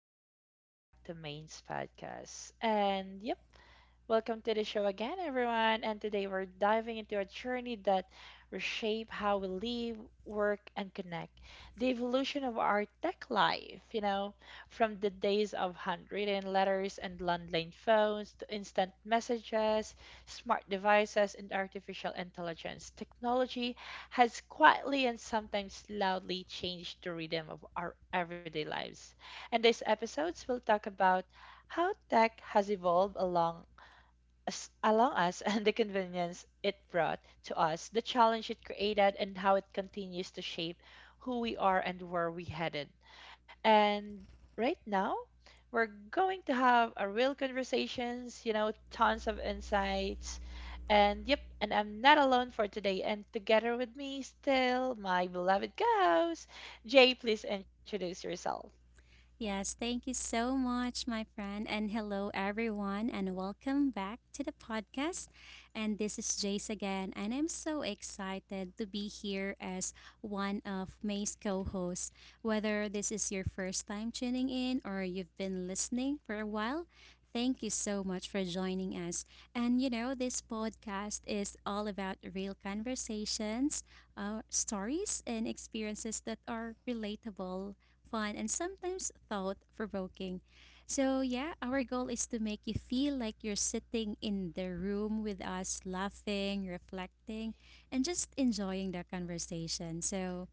and welcome back to Main's podcast. And yep, welcome to the show again, everyone. And today we're diving into a journey that reshape how we live, work, and connect. The evolution of our tech life, you know, from the days of handwritten letters and landline phones to instant messages smart devices, and artificial intelligence, technology has quietly and sometimes loudly changed the rhythm of our everyday lives. And these episodes, will talk about how tech has evolved along us and the convenience it brought to us, the challenge it created, and how it continues to shape who we are and where we headed. And right now, we're going to have a real conversations, you know, tons of insights. And yep, and I'm not alone for today. And together with me still my beloved co-host, Jay, please introduce yourself. Yes, thank you so much, my friend. And hello, everyone, and welcome back to the podcast. And this is Jace again, and I'm so excited to be here as one of May's co hosts. Whether this is your first time tuning in or you've been listening for a while, thank you so much for joining us. And you know, this podcast is all about real conversations, stories, and experiences that are relatable, fun, and sometimes thought provoking. So, yeah, our goal is to make you feel like you're sitting in the room with us, laughing, reflecting, and just enjoying the conversation. So,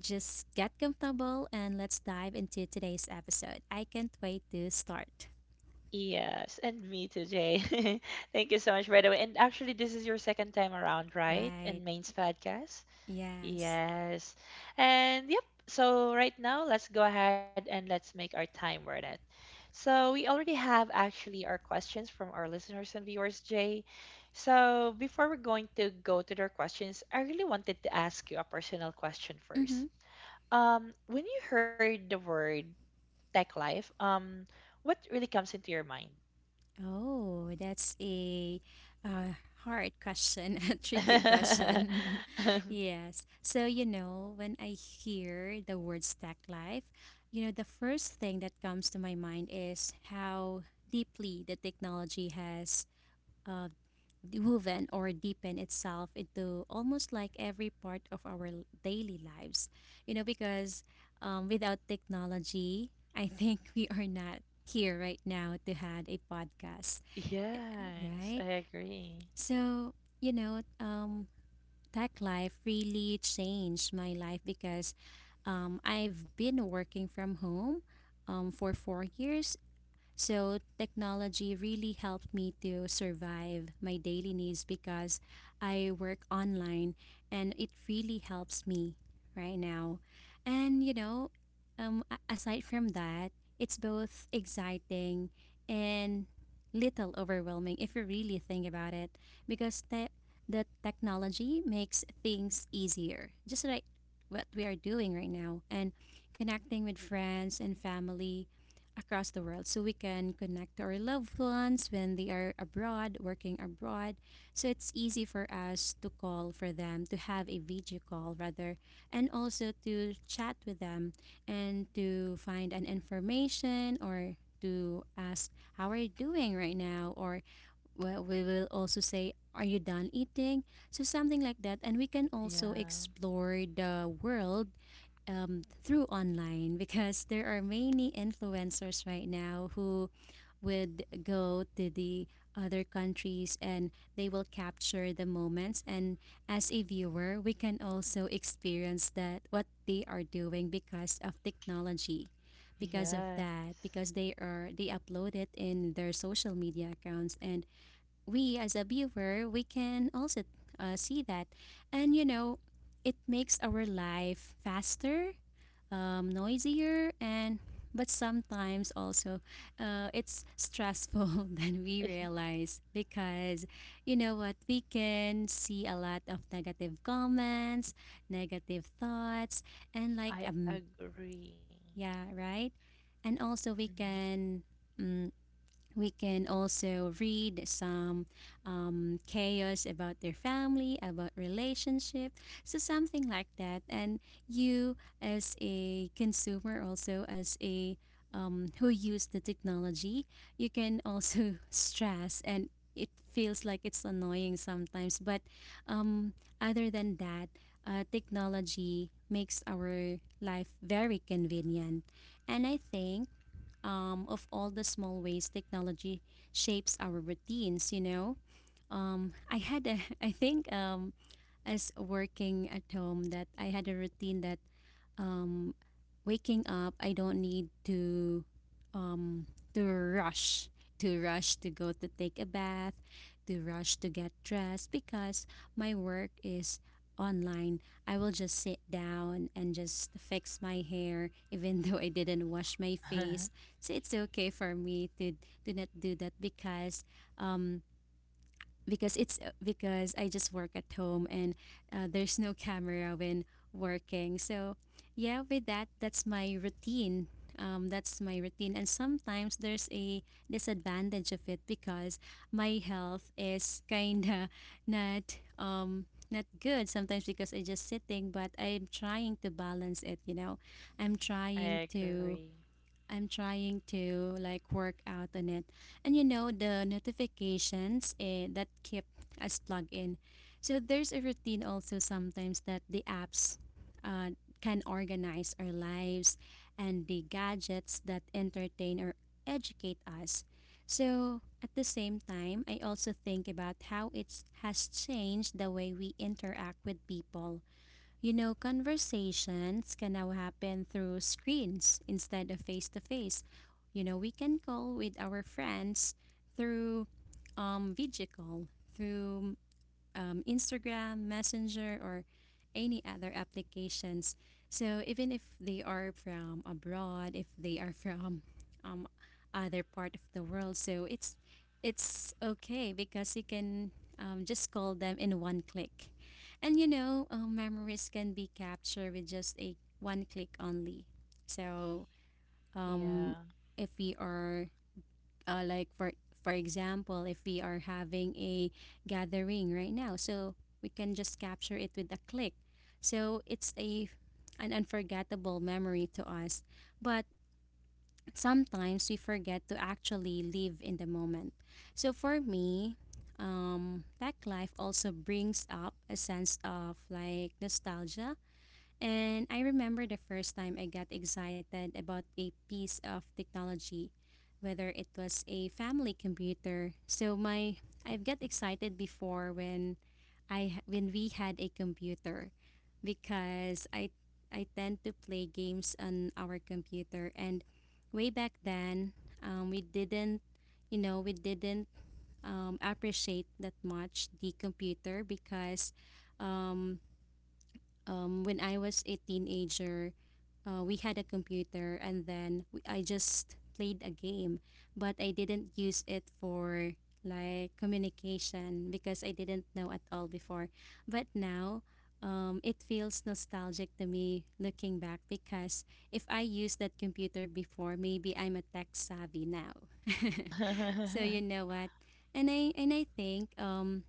just get comfortable and let's dive into today's episode. I can't wait to start. Yes, and me too, Jay. Thank you so much, by the way. And actually, this is your second time around, right? In Main's podcast. Yes. Yes. And yep. So right now, let's go ahead and let's make our time worth it. So we already have actually our questions from our listeners and viewers, Jay. So before we're going to go to their questions, I really wanted to ask you a personal question first. Mm-hmm. When you heard the word tech life, what really comes into your mind? Oh, that's a uh, hard question, a tricky question. Yes. So, you know, when I hear the word stack life, you know, the first thing that comes to my mind is how deeply the technology has uh, woven or deepen itself into almost like every part of our daily lives. You know, because without technology, I think we are not here right now to had a podcast, Yes, I right? agree. So you know, tech life really changed my life because I've been working from home for 4 years, so technology really helped me to survive my daily needs because I work online and it really helps me right now. And, you know, aside from that, it's both exciting and little overwhelming if you really think about it because the technology makes things easier, just like what we are doing right now, and connecting with friends and family across the world, so we can connect to our loved ones when they are abroad, working abroad. So it's easy for us to call for them, to have a video call rather, and also to chat with them and to find an information or to ask how are you doing right now, or well, we will also say are you done eating, so something like that. And we can also Yeah. explore the world through online because there are many influencers right now who would go to the other countries and they will capture the moments, and as a viewer we can also experience that what they are doing because of technology. because of Yes. that because they are they upload it in their social media accounts, and we as a viewer we can also see that. And you know, it makes our life faster, noisier, and but sometimes also it's stressful than we realize because you know what, we can see a lot of negative comments, negative thoughts, and I agree. yeah, right. And also we Mhm. can mm, we can also read some chaos about their family, about relationship, so something like that. And you as a consumer, also as a who use the technology, you can also stress, and it feels like it's annoying sometimes. But um, other than that, technology makes our life very convenient, and I think of all the small ways technology shapes our routines, you know. I had a, I think as working at home that I had a routine that um, waking up, I don't need to um, to rush, to rush to go to take a bath, to rush to get dressed because my work is online. I will just sit down and just fix my hair, even though I didn't wash my face. So it's okay for me to not do that um, because it's because I just work at home and there's no camera when working. So yeah, with that, that's my routine. That's my routine, and sometimes there's a disadvantage of it because my health is kinda not not good sometimes because I just sitting, but I'm trying to balance it. You know, I'm trying I agree. to I'm trying to like work out on it. And you know the notifications that keep us plugged in. So there's a routine also sometimes that the apps can organize our lives, and the gadgets that entertain or educate us. So at the same time, I also think about how it has changed the way we interact with people. You know, conversations can now happen through screens instead of face to face. You know, we can call with our friends through video call, through Instagram, Messenger, or any other applications. So even if they are from abroad, if they are from um, other part of the world, so it's okay because you can just call them in one click. And you know, memories can be captured with just a one click only. So um, Yeah. if we are for example if we are having a gathering right now, so we can just capture it with a click. So it's a an unforgettable memory to us, but sometimes we forget to actually live in the moment. So for me, tech life also brings up a sense of like nostalgia, and I remember the first time I got excited about a piece of technology, whether it was a family computer. So my I've got excited before when I when we had a computer because I tend to play games on our computer. And way back then, we didn't, you know, we didn't appreciate that much the computer because um, when I was a teenager, we had a computer, and then I just played a game, but I didn't use it for like communication because I didn't know at all before. But now, it feels nostalgic to me looking back because if I used that computer before, maybe I'm a tech savvy now. So you know what, and I think um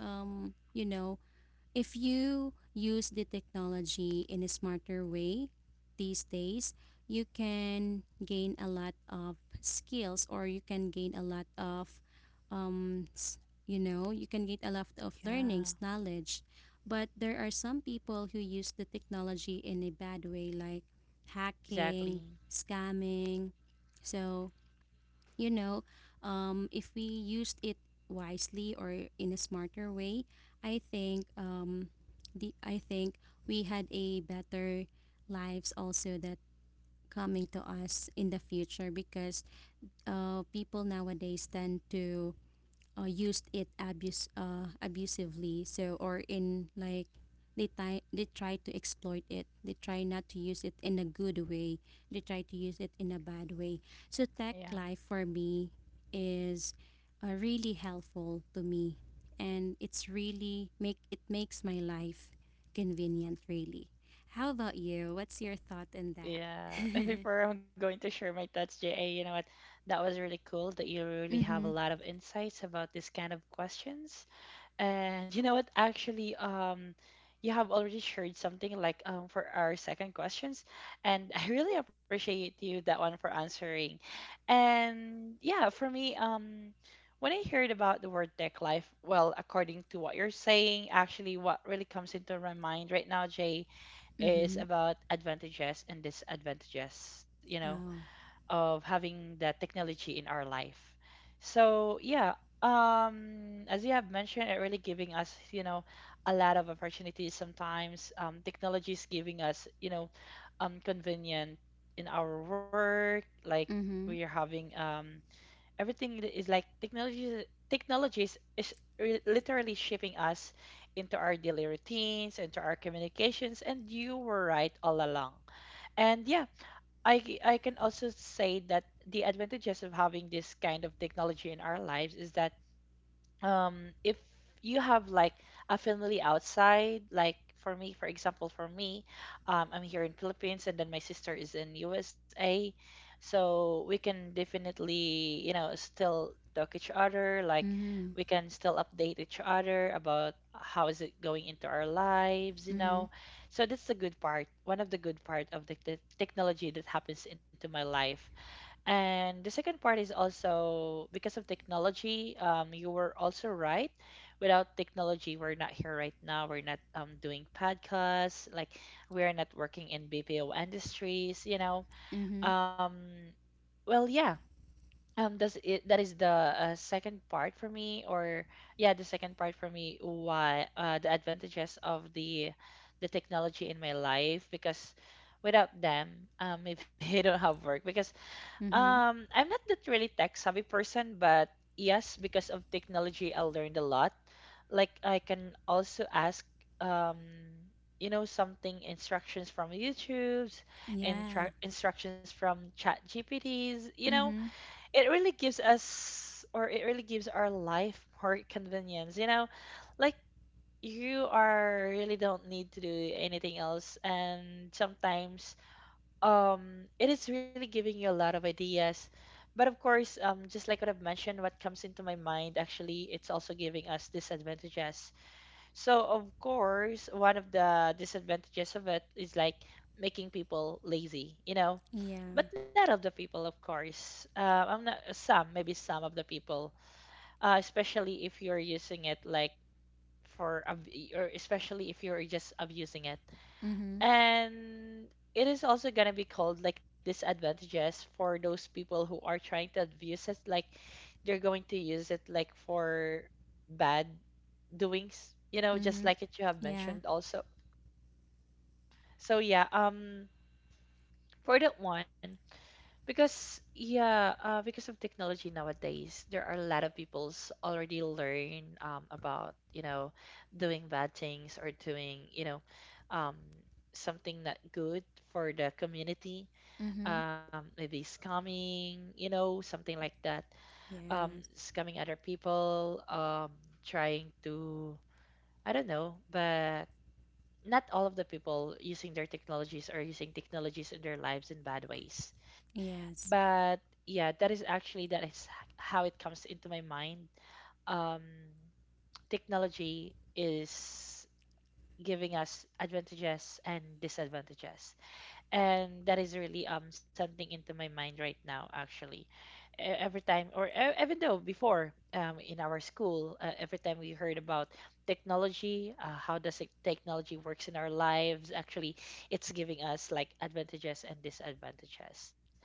um you know, if you use the technology in a smarter way these days, you can gain a lot of skills, or you can gain a lot of, you know, you can get a lot of Yeah. learnings, knowledge. But there are some people who use the technology in a bad way, like hacking, Exactly. scamming. So, you know, if we used it wisely or in a smarter way, I think the I think we had a better lives also that coming to us in the future because people nowadays tend to used it abuse abusively so, or in like they ti they try to exploit it, they try not to use it in a good way, they try to use it in a bad way. So tech Yeah. life for me is really helpful to me, and it's really make it makes my life convenient. Really, how about you, what's your thought on that? Yeah. Before I'm going to share my thoughts, JA, you know what? That was really cool that you really have a Mm-hmm. lot of insights about this kind of questions. And you know what? Actually, you have already shared something like for our second questions, and I really appreciate you that one for answering. And yeah, for me, when I heard about the word tech life, well, according to what you're saying, actually, what really comes into my mind right now, Jay, is Mm-hmm. about advantages and disadvantages. You know, Uh, of having the technology in our life. So yeah, as you have mentioned, it really giving us you know a lot of opportunities. Sometimes technology is giving us you know convenient in our work, like we mm-hmm. are having everything that is like technology. Technologies is literally shaping us into our daily routines, into our communications, and you were right all along. And yeah, I can also say that the advantages of having this kind of technology in our lives is that if you have like a family outside like for me for example for me I'm here in Philippines and then my sister is in USA, so we can definitely you know still talk each other like Mm-hmm. we can still update each other about how is it going into our lives, you Mm-hmm. know, so that's the good part, one of the good part of the technology that happens into my life. And the second part is also because of technology. You were also right. Without technology, we're not here right now. We're not doing podcasts. Like we are not working in BPO industries. You know. Mm-hmm. Um, well, yeah. That is the second part for me, or yeah, the second part for me. Why the advantages of the technology in my life, because without them, maybe I don't have work because Mm-hmm. I'm not that really tech savvy person, but yes, because of technology, I learned a lot. Like I can also ask, um, you know, something instructions from YouTube's and Yeah. tra instructions from Chat GPTs. You know, Mm-hmm. it really gives us, or it really gives our life more convenience. You know, like you are really don't need to do anything else, and sometimes it is really giving you a lot of ideas, but of course just like what I've mentioned, what comes into my mind actually, it's also giving us disadvantages. So of course, one of the disadvantages of it is like making people lazy, you know, Yeah. but not of the people of course, I'm not some, maybe some of the people, especially if you're using it like for ab- or especially if you're just abusing it. Mm-hmm. And it is also gonna be called like disadvantages for those people who are trying to abuse it. Like they're going to use it like for bad doings, you know, Mm-hmm. just like it you have Yeah. mentioned also. So yeah, for that one, because yeah, because of technology nowadays, there are a lot of people's already learn about, you know, doing bad things or doing, you know, um something not good for the community, Mm-hmm. Maybe scamming, you know, something like that. Yeah. Scamming other people, trying to, I don't know, but not all of the people using their technologies are using technologies in their lives in bad ways. Yes. But yeah, that is actually that is h- how it comes into my mind. Um, Technology is giving us advantages and disadvantages, and that is really something into my mind right now, actually, every time, or even though before, in our school, every time we heard about technology, technology works in our lives, actually it's giving us like advantages and disadvantages.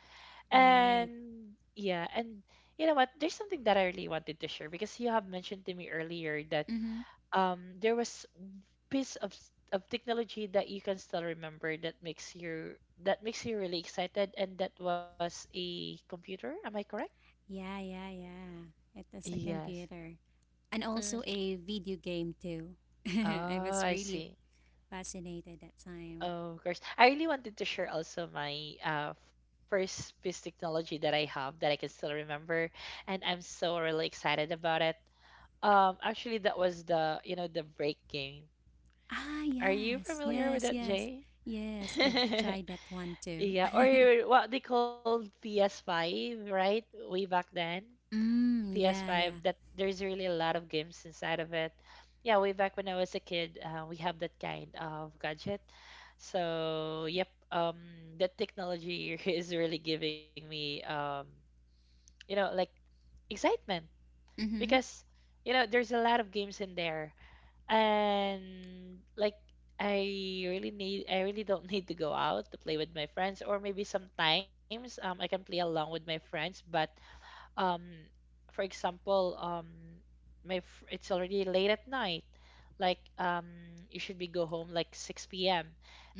Right. And yeah, and you know what, there's something that I really wanted to share, because you have mentioned to me earlier that Mm-hmm. There was piece of of technology that you can still remember that makes you really excited, and that was a computer, am I correct? Yeah, yeah, yeah. It is a Yes. computer. And Mm. also a video game too. I Oh, was I really see. fascinated that time. Oh, of course. I really wanted to share also my first piece technology that I have that I can still remember, and I'm so really excited about it. Actually, that was the you know the break game. Ah, Are yes. you familiar with Yes, that, yes. Jay? Yes, I've tried that one too. Yeah, or what they called PS5, right? Way back then. Mm, yeah, PS5 yeah. that there's really a lot of games inside of it. Yeah, way back when I was a kid, we have that kind of gadget. So, yep, the technology is really giving me, you know, like excitement Mm-hmm. because, you know, there's a lot of games in there. And like, I really don't need to go out to play with my friends, or maybe sometimes I can play along with my friends, but um for example it's already late at night, like you should be go home like 6 p.m.,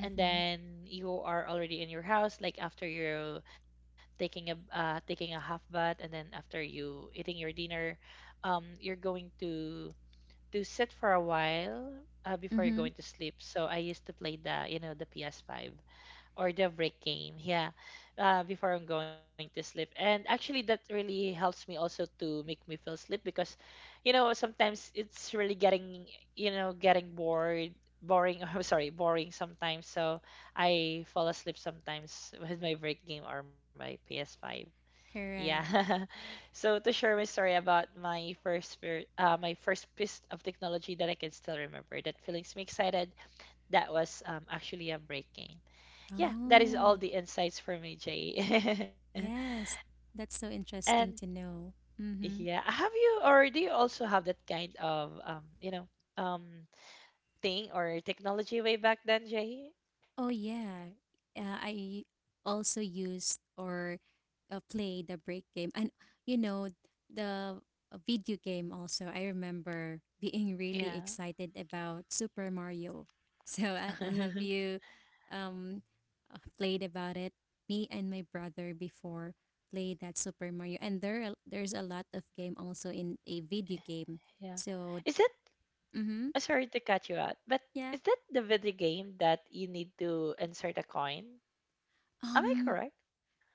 and then you are already in your house, like after you're taking a taking a half bath, and then after you eating your dinner, you're going to sit for a while before you're Mm-hmm. going to sleep. So I used to play the you know the PS5 or the break game, yeah, before I'm going to sleep, and actually that really helps me also to make me feel sleep, because you know sometimes it's really getting you know getting bored boring I'm sorry boring sometimes, so I fall asleep sometimes with my break game or my PS5, yeah Correct. so to share my story about my first spirit my first piece of technology that I can still remember that feelings me excited, that was actually a break game. Yeah, that is Oh, all the insights for me, Jay. yes. That's so And interesting to know. Mm-hmm. yeah, have you or do you also have that kind of you know, um thing or technology way back then, Jay? Oh yeah, I also used or played the break game, and you know the video game also. I remember being really Yeah. excited about Super Mario. So I have you um, played about it. Me and my brother before played that Super Mario, and there's a lot of game also in a video game. Yeah. So Is that mm-hmm, sorry to cut you out, but yeah. is that the video game that you need to insert a coin? Am I Um, correct?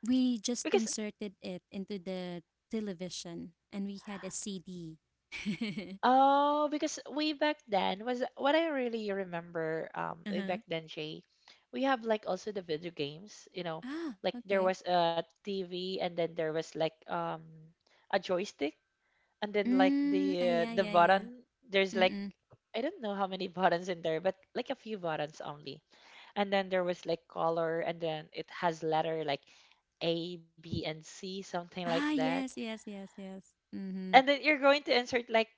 we Because just inserted it into the television and we had a CD. oh, because way back then was what I really remember. Way back Uh-huh. then, Jay, we have like also the video games. You know, Ah, like there okay. was a TV, and then there was like a joystick, and then like Mm, ah, yeah, the yeah, yeah. button. There's like Mm-mm. I don't know how many buttons in there, but like a few buttons only. And then there was like color, and then it has letter like A, B, and C, something like Ah, that, yes, yes, yes, yes. Mm-hmm. and then you're going to insert like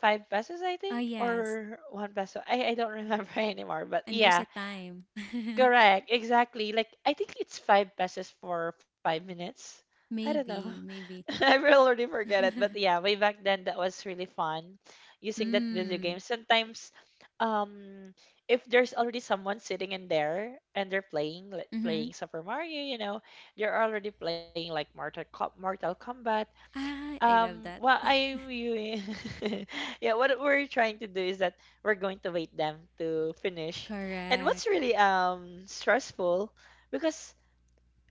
5 pesos, I Oh, think, yes. or 1 peso. I don't remember anymore, but And there's a yeah, time. correct, exactly. Like I think it's 5 pesos for 5 minutes. I don't know. Maybe, maybe. I will already forget it, but yeah, way back then that was really fun using that video Mm, game. Sometimes, um, if there's already someone sitting in there and they're playing like mm-hmm. playing Super Mario, you know, they're already playing like Mortal Kombat, Ah, I love what that. I'm viewing, yeah, what we're trying to do is that we're going to wait them to finish. And Correct. what's really stressful because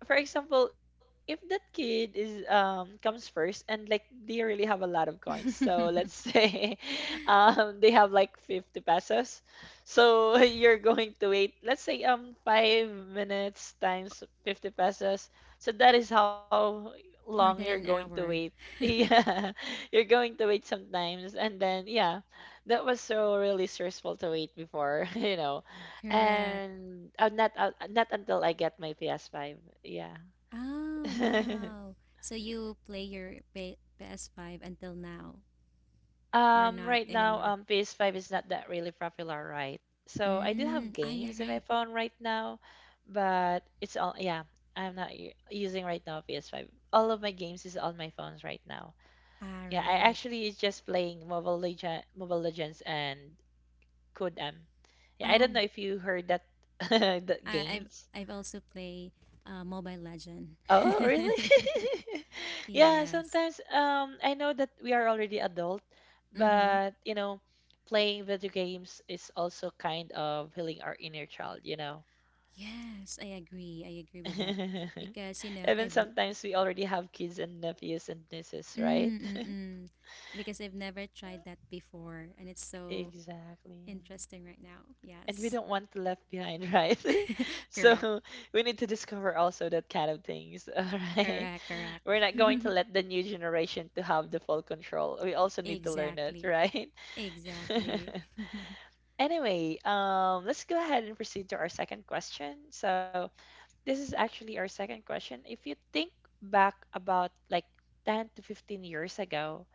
for example, if that kid is comes first and like they really have a lot of coins, so let's say they have like 50 pesos. So you're going to wait, let's say 5 minutes times 50 pesos. So that is how long More you're than an going to wait. hour. Yeah. You're going to wait sometimes and then yeah, that was so really stressful to wait before, Correct. and not not until I get my PS5. Yeah. Oh, wow. So you play your PS5 until now? Or not right now, anymore? PS5 is not that really popular, right? So I do have Mm. Ah, yeah, games in my right. phone right now, but it's all yeah. I'm not using right now PS5. All of my games is on my phones right now. All Yeah, I right. actually is just playing Mobile Legend, Mobile Legends and Code M. Yeah, I don't Um, know if you heard that I, that I've game. I've also play Mobile Legend. Oh, really? Yeah. Yeah, sometimes I know that we are already adult, Mm-hmm. but you know, playing video games is also kind of healing our inner child, you know. Yes, I agree. I agree with that because you know Even I've sometimes we already have kids and nephews and nieces, right? mm-mm, because I've never tried that before, and it's so Exactly. interesting right now. And we Yes. don't want to left behind, right? Correct. So we need to discover also that kind of things, all right? Correct. Correct. We're not going to let the new generation to have the full control. We also need to learn it, Exactly. right? Exactly. Anyway, let's go ahead and proceed to our second question. So this is actually our second question. If you think back about like 10 to 15 years ago,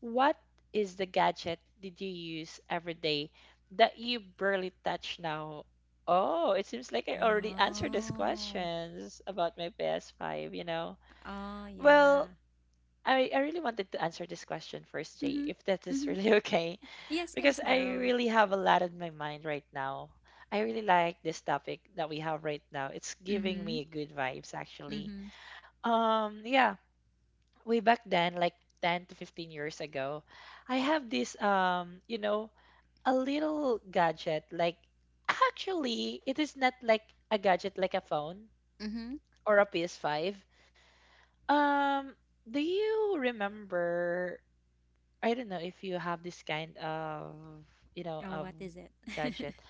what is the gadget did you use every day that you barely touch now? Oh, it seems like I already answered this Oh. questions about my PS5, you know. Oh yeah. Well, I really wanted to answer this question first, Jay, Mm-hmm. if that is Mm-hmm. really okay Yes, because yes, I go. really have a lot in my mind right now. I really like this topic that we have right now. It's giving me Mhm, good vibes actually. mhm. Yeah, way back then like 10 to 15 years ago, I have this you know, a little gadget like actually it is not like a gadget like a phone Mm-hmm. or a PS5. Um do you remember I don't know if you have this kind of, you know, Oh, of what is it? gadget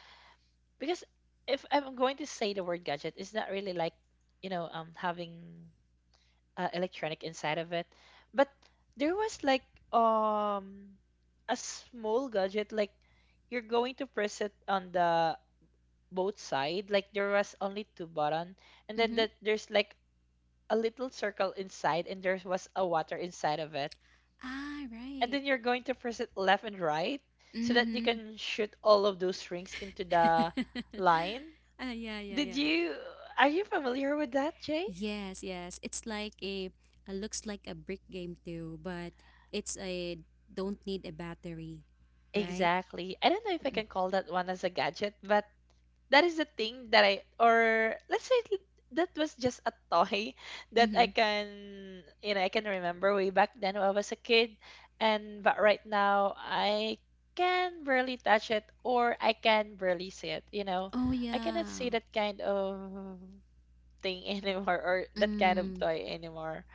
because if I'm going to say the word gadget, it's not really like you know having electronic inside of it, but there was like um a small gadget like you're going to press it on the both side like there was only two button and then that Mm-hmm. there's like a little circle inside and there was a water inside of it Ah, and then right. you're going to press it left and right so that you Mm-hmm. can shoot all of those rings into the line. Ah, yeah, yeah, Did yeah. you are you familiar with that, Jay? Yes, yes. It's like a, looks like a brick game too, but it's a don't need a battery, right? Exactly. I don't know if I can call that one as a gadget, but that is the thing that I or let's say that was just a toy that Mm-hmm. I can you know I can remember way back then when I was a kid, and but right now I can barely touch it or I can barely see it. You know, Oh I cannot yeah. see that kind of thing anymore or that kind Mm, of toy anymore.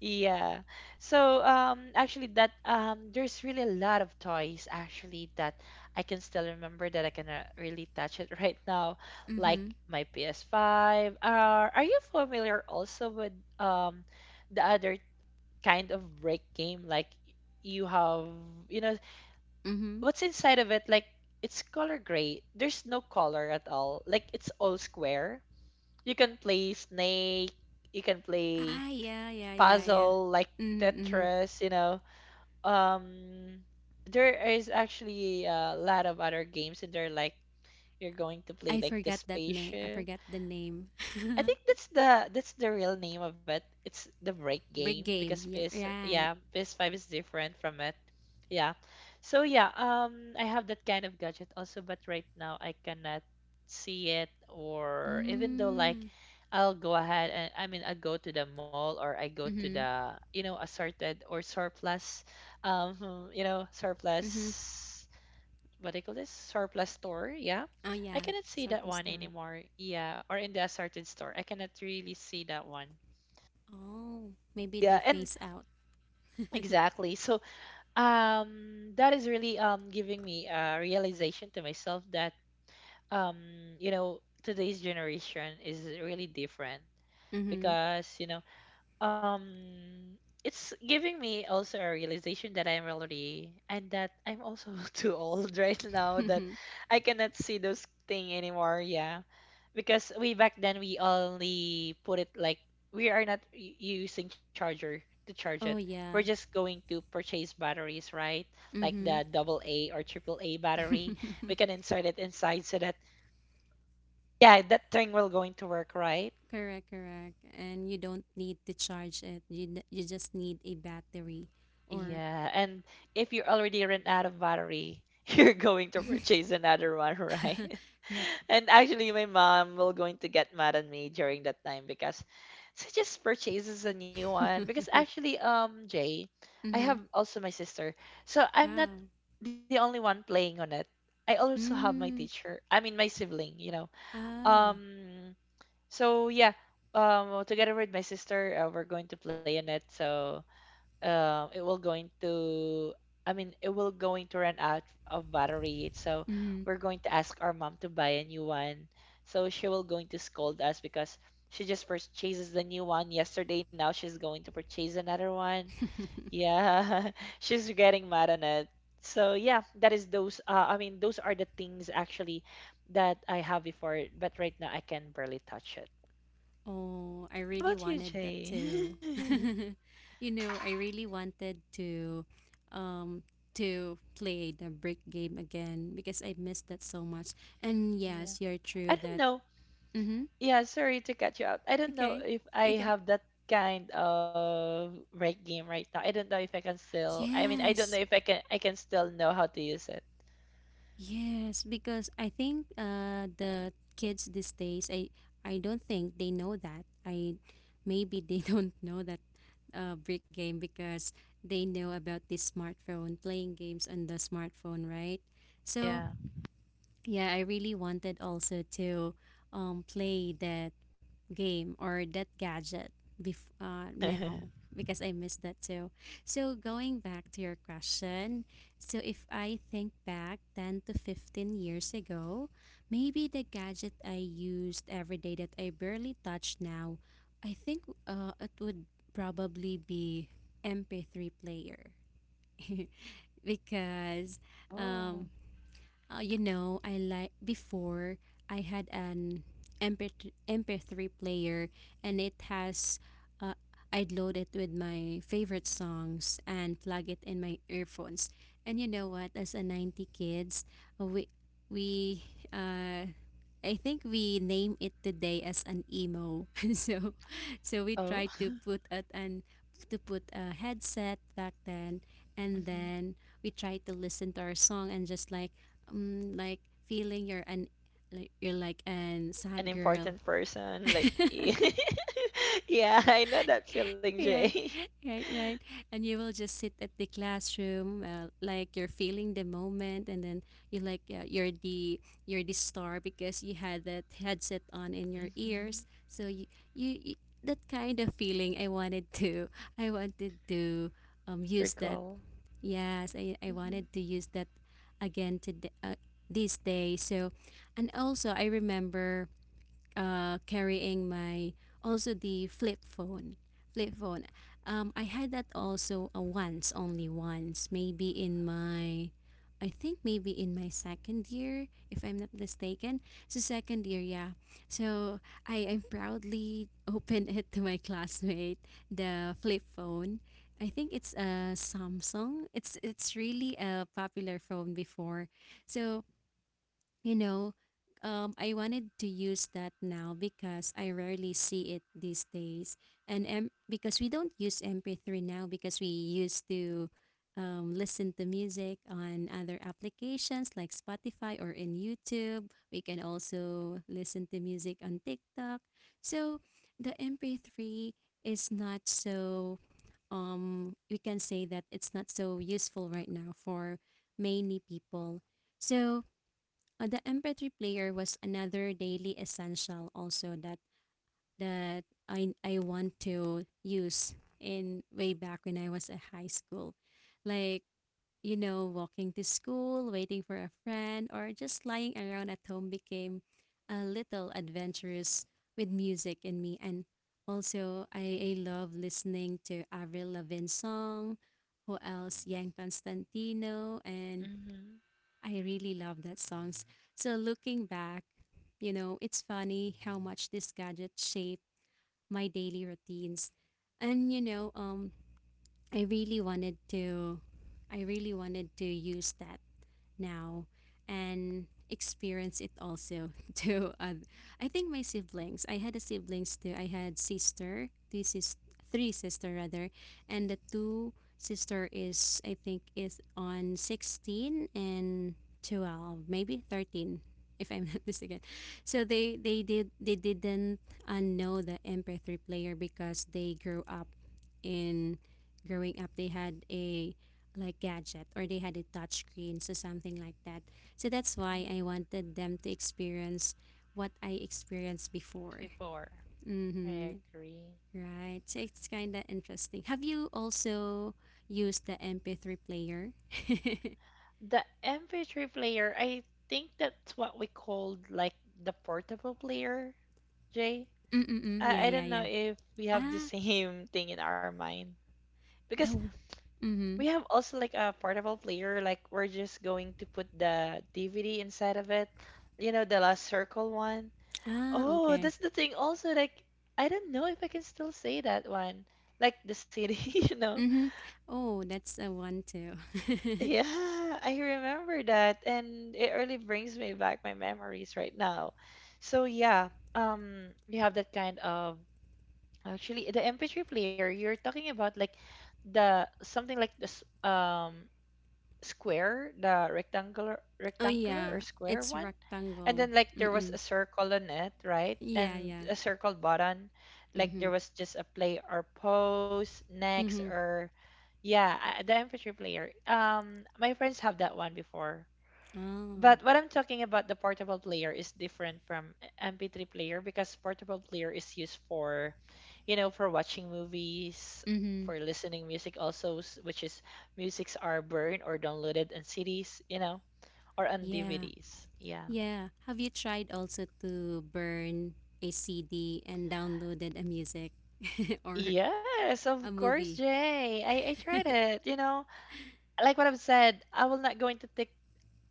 Yeah. So actually that there's really a lot of toys actually that I can still remember that I can really touch it right now like mm-hmm. my PS5. Are you familiar also with um the other kind of break game like you have you know Mm-hmm. what's inside of it like it's color gray. There's no color at all. Like it's all square. You can play Snake, you can play Ah, yeah, yeah, yeah, yeah. puzzle like Mm-hmm, mm-hmm. Tetris, you know. Um, there is actually a lot of other games, in there. Like you're going to play I like the forgot that name. I spaceship, forgot the name. I think that's the real name of it. It's the break Brick game game. because PS Yeah, right. yeah, PS5 is different from it. Yeah. So yeah, I have that kind of gadget also but right now I cannot see it or even though like Mm. I'll go ahead and I mean I go to the mall or I go to Mhm, the you know assorted or surplus you know mhm. surplus what do you call this surplus store yeah Oh, yeah, I cannot see that surplus one time. anymore yeah or in the assorted store I cannot really see that one Oh, maybe they yeah and phase out. exactly so that is really giving me a realization to myself that um you know today's generation is really different Mhm. because you know um it's giving me also a realization that I'm already and that I'm also too old right now that I cannot see those thing anymore. Yeah. Because we back then we only put it like we are not using charger to charge it Oh, we're yeah. just going to purchase batteries right like the Mhm. double a or triple a battery we can insert it inside so that yeah that thing will going to work right. Correct, correct. And you don't need to charge it. You n- you just need a battery or Yeah, and if you already ran out of battery, you're going to purchase another one, right? correct. And actually, my mom will going to get mad at me during that time because she just purchases a new one. Because actually, Jay, I have Mhm. also my sister, so I'm not Ah. the only one playing on it. I also have my Mm. teacher. I mean, my sibling, you know. Ah. Um, so yeah, together with my sister, we're going to play on it. So it will going to I mean it will going to run out of battery so Mhm. we're going to ask our mom to buy a new one so she will going to scold us because she just purchases the new one yesterday now she's going to purchase another one yeah she's getting mad on it so yeah that is those I mean those are the things actually that I have before but right now I can barely touch it Oh, I how really about you wanted that Jay too. You know, I really wanted um to play the brick game again because I missed that so much. And Yeah. yes, you're I true don't that. know. Mm-hmm. Yeah, sorry to cut you out. I don't know Okay. if I Okay. have that kind of right game right now. I don't know if I can still. I mean, I don't know Yes. if I can. I can still know how to use it. Yes, because I think the kids these days, I don't think they know that. I maybe they don't know that brick game because they know about this smartphone, playing games on the smartphone, right? So Yeah. yeah, I really wanted also to play that game or that gadget now because I miss that too. So, going back to your question, so if I think back 10 to 15 years ago, maybe the gadget I used every day that I barely touch now, I think it would probably be MP3 player. Because Oh. um, you know, I like before I had an MP3 player and it has uh, I'd load it with my favorite songs and plug it in my earphones. And you know what? As a 90 kids, uh, we we uh I think we name it today as an emo. So so we Oh, tried to put at an to put a headset back then and mhm. then we tried to listen to our song and just like feeling you're an like you're like an An sad girl. important person like. Yeah, I know that feeling, Jay. Right, right. And you will just sit at the classroom, like you're feeling the moment, and then you like you're the star because you had that headset on in your Hmm. ears. So you that kind of feeling I wanted to use that. Recall. Yes, I Hmm. wanted to use that again today, this day. So, and also I remember carrying my also the flip phone. I had that also once only once maybe in my second year if I'm not mistaken, so second year, yeah. So I proudly opened it to my classmate, the flip phone. I think it's a Samsung. It's really a popular phone before. So you know, I wanted to use that now because I rarely see it these days. And because we don't use MP3 now because we used to listen to music on other applications like Spotify or in YouTube. We can also listen to music on TikTok. So the MP3 is not so, we can say that it's not so useful right now for many people. So, the MP3 player was another daily essential also that that I want to use in way back when I was at high school. Like, you know, walking to school, waiting for a friend, or just lying around at home became a little adventurous with music in me. And also I love listening to Avril Lavigne song, who else? Yan Constantino, and Mm-hmm. I really love that songs. So looking back, you know, it's funny how much this gadget shaped my daily routines. And you know, I really wanted to I really wanted to use that now and experience it also to I think my siblings. I had a siblings too. I had sister, this is three sister rather, and the two sister is I think is on 16 and 12, maybe 13 if I'm not mistaken. So they didn't know the MP3 player because they grew up in growing up they had a like gadget or they had a touch screen, so something like that. So that's why I wanted them to experience what I experienced before. Before. Mm-hmm. I agree. Right, so it's kind of interesting, have you also used the MP3 player? The MP3 player, I think that's what we called like the portable player, Jay. Mm-mm-mm. Yeah, I yeah, don't yeah. know if we have the Ah, same thing in our mind. Because the, we mm-hmm. have also like a portable player, like we're just going to put the DVD inside of it. You know, the last circle one. Ah, Oh, okay. that's the thing also, like I don't know if I can still say that one. Like the city. You know. Mm-hmm. Oh, that's a one too. Yeah, I remember that, and it really brings me back my memories right now. So yeah, you have that kind of actually the MP3 player you're talking about, like the something like this um square, the rectangular, Oh rectangular yeah, or square it's one and rectangle. then like there was Mm-mm. a circle on it right Yeah, and yeah. a circle button like there Mm-hmm. was just a play or pause next Mm-hmm. or yeah I- the MP3 player my friends have that one before Oh. but what I'm talking about the portable player is different from MP3 player because portable player is used for you know for watching movies for Mm-hmm. listening music also s- which is musics are burned or downloaded in cds you know or on Yeah, dvds yeah. yeah. Have you tried also to burn a CD and downloaded a music or Yes, of a course, movie? Jay. I tried it. You know, like what I've said, I will not go into TikTok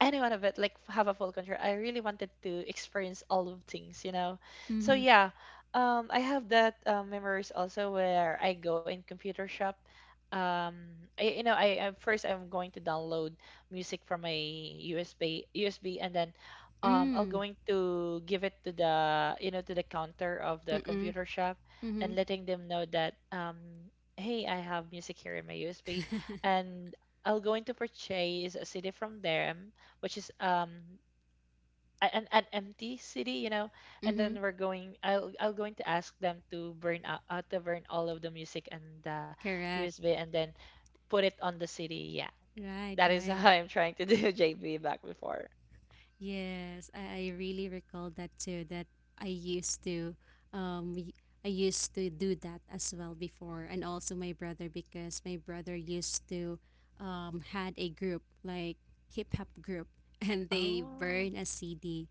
any one of it like f- have a full control I really wanted to experience all of things you know so Mm-hmm. yeah I have that memories also where I go in computer shop um I, you know I first I'm going to download music from my usb and then I'll Mm. going to give it to the you know to the counter of the Mm-mm. computer shop Mm-hmm. and letting them know that hey I have music here in my usb and I'll going to purchase a CD from there which is an empty city, you know. And Mm-hmm. then we're going. I'll going to ask them to burn out to burn all of the music and the Correct. USB, and then put it on the city. Yeah, Right, that is right. how I'm trying to do JB back before. Yes, I really recall that too. That I used to, um, y- I used to do that as well before, and also my brother because my brother used to, had a group like hip hop group, and they Oh, burn a CD,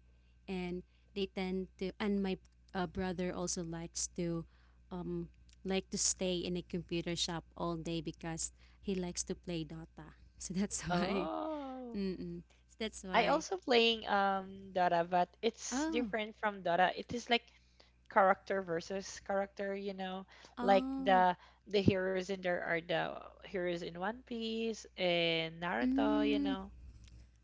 and they tend to, and my brother also likes to, um, like to stay in a computer shop all day because he likes to play Dota. So that's why. oh. Mm-mm. So that's I why. also playing Dota, but it's Oh. different from Dota. It is like character versus character, like Oh, the heroes in there are the heroes in One Piece and naruto you mm, know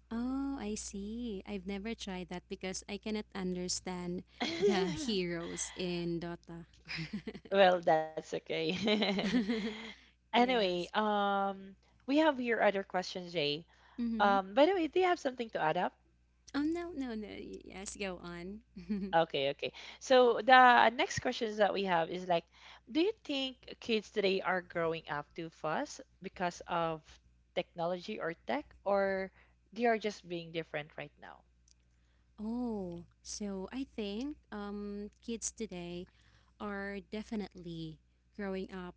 oh, I see. I've never tried that because I cannot understand the heroes in Dota. well, that's okay. Yeah. anyway, we have your other question, Jay. Mm-hmm. By the way, do you have something to add up? Oh, no. Yes, go on. Okay, okay. So the next questions that we have is like, do you think kids today are growing up too fast because of technology or tech, or they are just being different right now? Oh, so I think kids today are definitely growing up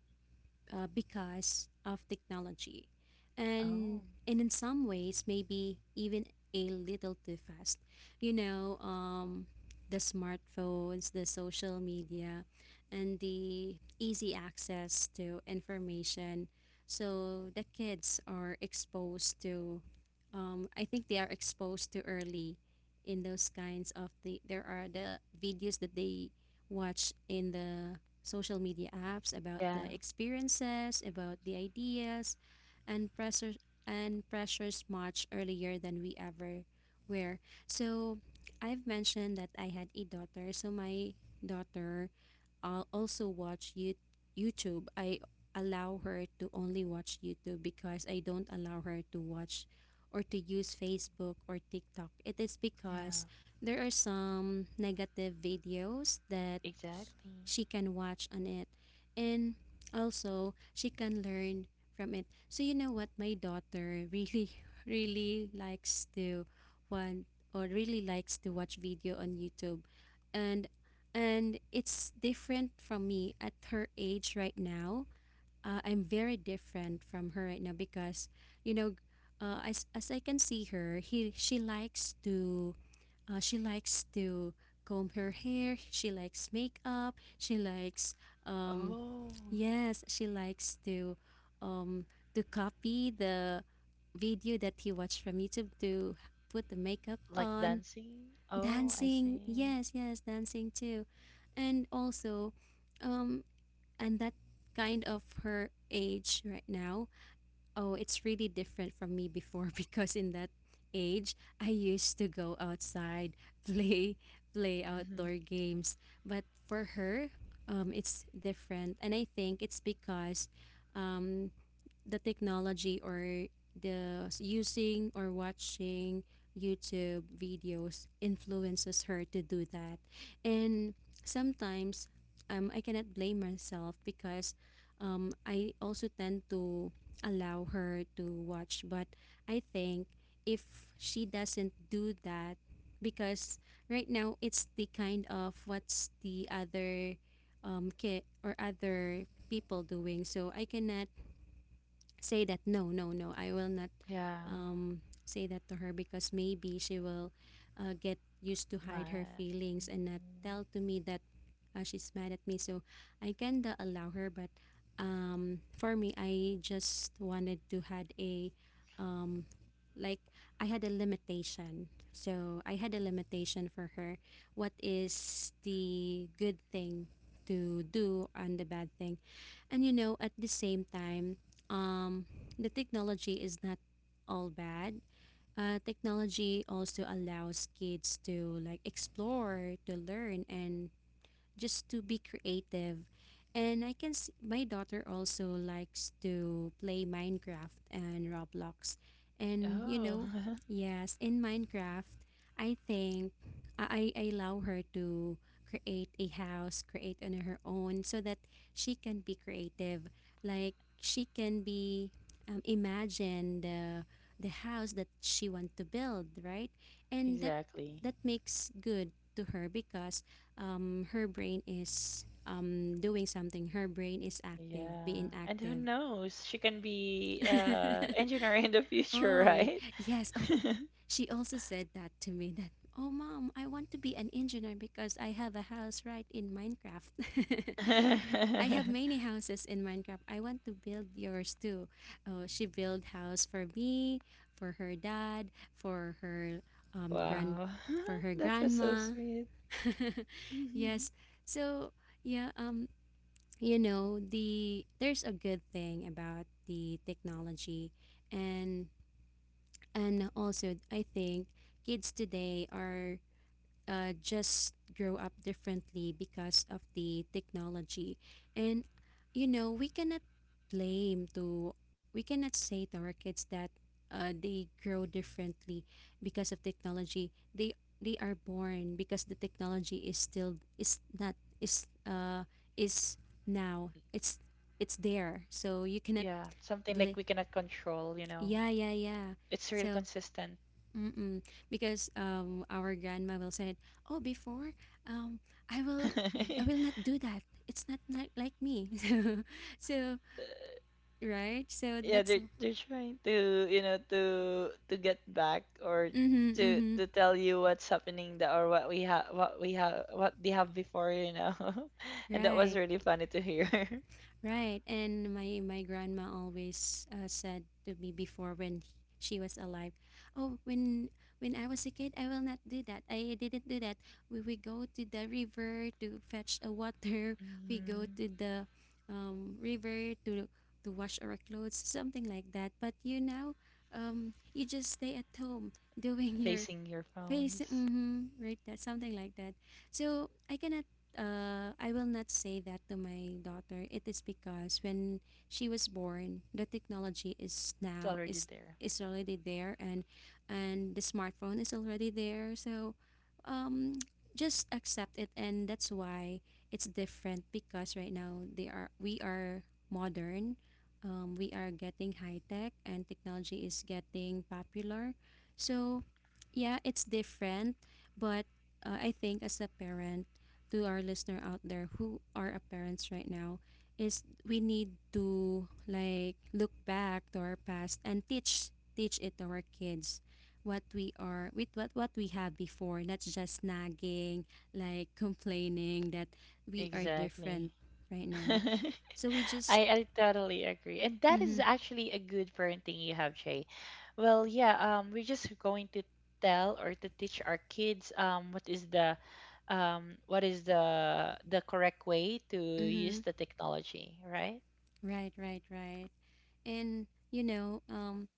because of technology. And Oh, and in some ways maybe even a little too fast. You know, the smartphones, the social media, and the easy access to information. So the kids are exposed to I think they are exposed to early in those kinds of there are the videos that they watch in the social media apps, about the yeah, experiences, about the ideas, and pressure and pressures much earlier than we ever were. So I've mentioned that I had a daughter, so my daughter also watch you YouTube. I allow her to only watch YouTube because I don't allow her to watch or to use Facebook or TikTok. It is because yeah, there are some negative videos that exactly. she can watch on it, and also she can learn from it. So you know what, my daughter really really likes to want or really likes to watch video on YouTube. and and it's different from me at her age right now. I'm very different from her right now because you know, as I can see her he she likes to comb her hair. She likes makeup. She likes, um, Oh, yes, she likes um, to copy the video that he watched from YouTube to put the makeup like on. dancing? Oh, I Dancing, see. yes, yes, dancing too, and also, um, and that kind of her age right now. Oh, it's really different from me before because in that age, I used to go outside, play, play Mhm. outdoor games. But for her, it's different, and I think it's because, um, the technology or using or watching YouTube videos influences her to do that. And sometimes I cannot blame myself because I also tend to allow her to watch. But I think if she doesn't do that, because right now it's the kind of what's the other kid or other people doing. So I cannot say that no no no I will not Yeah, say that to her because maybe she will get used to hide her my. feelings and not Mm. tell to me that she's mad at me. So I can allow her, but for me I just wanted to had a um, like I had a limitation, so I had a limitation for her, what is the good thing to do and the bad thing. And you know, at the same time, um, the technology is not all bad. Technology also allows kids to like explore, to learn, and just to be creative. And I can see my daughter also likes to play Minecraft and Roblox. And you Oh, know, yes, in Minecraft, I think I allow her to create a house, create on her own so that she can be creative. Like she can be imagine the house that she want to build, right? And that exactly. that makes good to her because her brain is doing something. Her brain is active, Yeah. being And who active. knows? She can be engineer in the future, oh, y- right? yes. Oh, she also said that to me that, oh, mom, I want to be an engineer because I have a house right in Minecraft. I have many houses in Minecraft. I want to build yours too. Oh, she built house for me, for her dad, for her um, grand, Wow. for her That was so grandma. sweet. Yes. So yeah. You know there's a good thing about the technology. and and also I think kids today are just grow up differently because of the technology. And you know, we cannot blame to we cannot say to our kids that they grow differently because of technology. They are born because the technology is still is not is is now. It's there. So you cannot Yeah, something like we bla- cannot control. yeah, yeah, yeah. It's real So consistent. mm-mm. Because our grandma will say, "Oh, before, um, I will, I will not do that. It's not like like me." So, so right. So Yeah, that's they're trying to, to get back or mm-hmm, to mm-hmm. to tell you what's happening the, or what they have before. And that was Right. really funny to hear. Right, and my grandma always said to me before when she was alive, "Oh, when I was a kid, I will not do that. I didn't do that. We go to the river to fetch a water. We go Mhm. to the river to wash our clothes, something like that. But you now, you just stay at home doing your Facing your Face, phones. mm-hmm, right? That something like that. So I cannot. I will not say that to my daughter. It is because when she was born, the technology is It's now already there. is already there, and the smartphone is already there. So, um, just accept it, and that's why it's different because right now they are we are modern. We are getting high tech, and technology is getting popular. So yeah, it's different, but I think as a parent, to our listener out there who are a parents right now, is we need to like look back to our past and teach it to our kids what we are with what we have before, not just nagging, like complaining that we are Exactly. different right now. So we just, I, I totally agree. And that mhm, is actually a good parenting you have, Jay. Well, yeah, we're just going to tell or to teach our kids, what is the correct way to use mhm, the technology, right? right, right, right, and you know,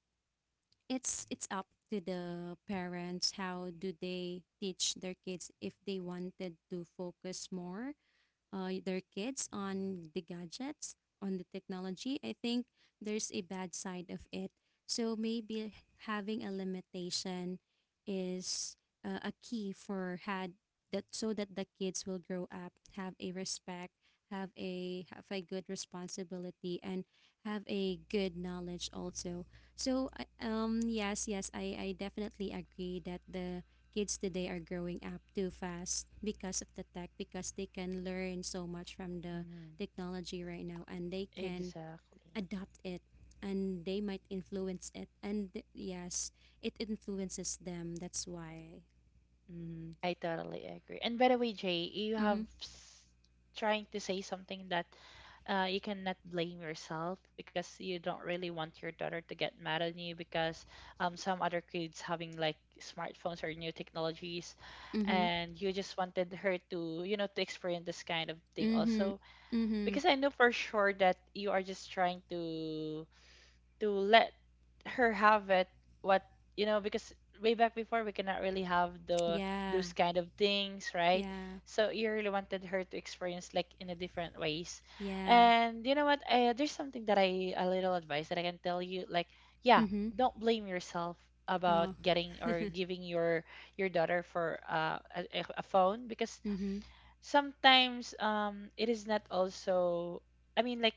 it's up to the parents how do they teach their kids if they wanted to focus more their kids on the gadgets, on the technology. I think there's a bad side of it. So maybe having a limitation is a key for had that, so that the kids will grow up, have a respect, have a good responsibility, and have a good knowledge also. So yes, I definitely agree that the kids today are growing up too fast because of the tech, because they can learn so much from the Mm, technology right now, and they can exactly. adopt it, and they might influence it, and yes, it influences them, that's why. Mm-hmm, I totally agree. And by the way, Jay, you have trying to say something that you cannot blame yourself because you don't really want your daughter to get mad on you because, some other kids having like smartphones or new technologies mm-hmm, and you just wanted her to to experience this kind of thing mm-hmm, also mm-hmm. because I know for sure that you are just trying to let her have it, what you know, because way back before we cannot really have the Yeah, those kind of things, right? yeah, So you really wanted her to experience like in a different ways. yeah. And there's something that I a little advice that I can tell you, like, yeah, Mm-hmm. don't blame yourself about getting or giving your daughter for a phone, because Mm-hmm. sometimes it is not also, I mean, like,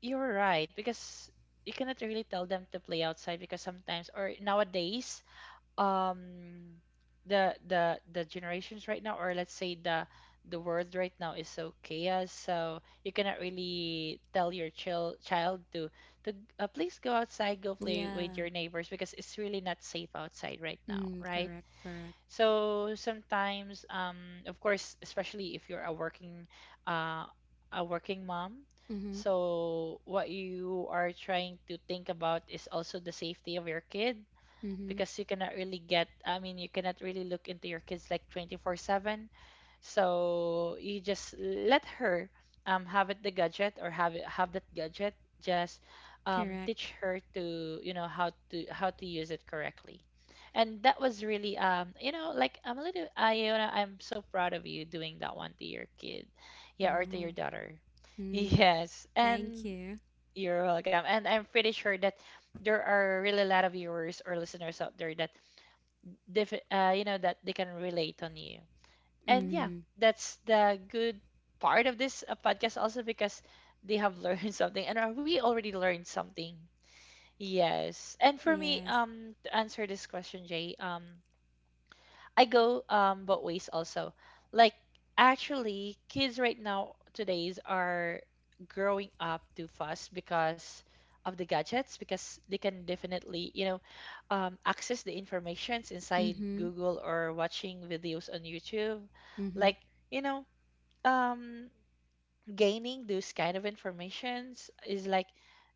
you're right, because you cannot really tell them to play outside, because sometimes or nowadays, um the generations right now, or let's say the world right now, is so chaos. So you cannot really tell your child to to please go outside, go play Yeah. with your neighbors, because it's really not safe outside right now, Mm, right? correct, correct. So sometimes, of course, especially if you're a working, uh, mom, Mm-hmm. so what you are trying to think about is also the safety of your kid, Mm-hmm. because you cannot really I mean, you cannot really look into your kids like 24/7. So you just let her have it the gadget or have that gadget. Just Correct. teach her to how to use it correctly. And that was really, like, I'm a little, I'm so proud of you doing that one to your kid, yeah, or um, to your daughter. mm, Yes, thank and you. you're welcome. And I'm pretty sure that there are really a lot of viewers or listeners out there that you know that they can relate on you. And Mm-hmm. yeah, that's the good part of this, podcast also, because they have learned something and, we already learned something. Yes. And for Yeah. me, to answer this question, Jay, I go, both ways also. Like, actually, kids right now today's are growing up too fast because of the gadgets, because they can definitely, access the informations inside Mm-hmm. Google or watching videos on YouTube. Mm-hmm. Like, you know um gaining those kind of informations is like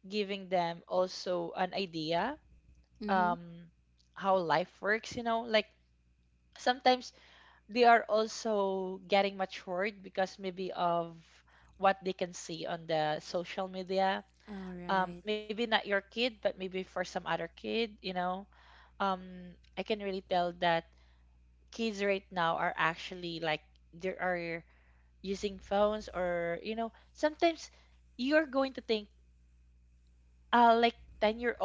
giving them also an idea, Mm-hmm. um how life works, like, sometimes they are also getting matured because maybe of what they can see on the social media. All right. Maybe not your kid, but maybe for some other kid, I can really tell that kids right now are actually like, they are using phones, or, sometimes you're going to think, like, 10-year-old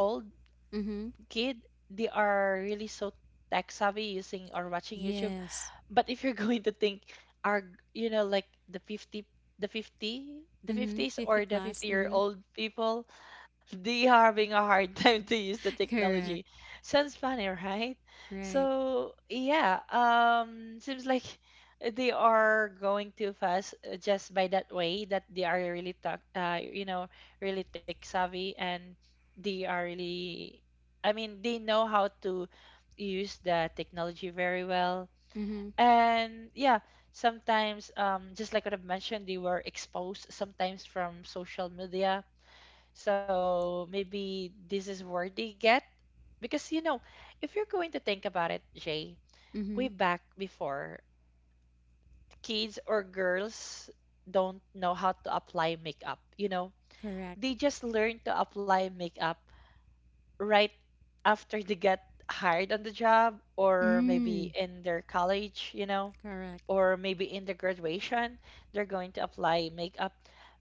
Mm-hmm. kid, they are really so tech savvy using or watching YouTube. Yes. But if you're going to think, are, like, the 50 the 50 the Mm-hmm. 50s, or the 50 year old people, they are having a hard time to use the Correct. technology. Sounds funny, right? Right. So yeah, seems like they are going too fast, just by that way that they are really tech savvy, and they are really, I mean, they know how to use the technology very well. Mm-hmm. And yeah, sometimes just like what I've mentioned, they were exposed sometimes from social media. So maybe this is where they get, because if you're going to think about it, Jay, way Mm-hmm. back before, kids or girls don't know how to apply makeup. Correct. They just learn to apply makeup right after they get hired on the job, or Mm. maybe in their college, Correct. or maybe in the graduation they're going to apply makeup.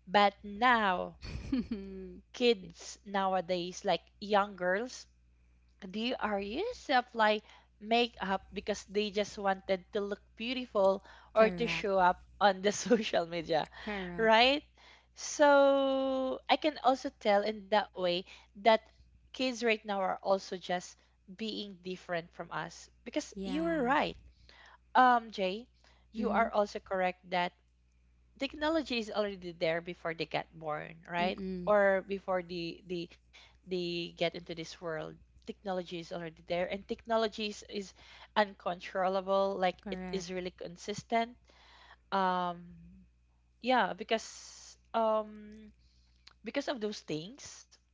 But now kids nowadays, like young girls, they are used to apply makeup because they just wanted to look beautiful or to Correct. show up on the social media, Correct. right? So I can also tell in that way that kids right now are also just being different from us, because you were Yeah. right, Jay, you Mm-hmm. are also correct that technology is already there before they get born, right? Mm-mm. Or before they get into this world. Technology is already there, and technology is uncontrollable. Like, it Correct. is really consistent. Um, yeah, because, because of those things,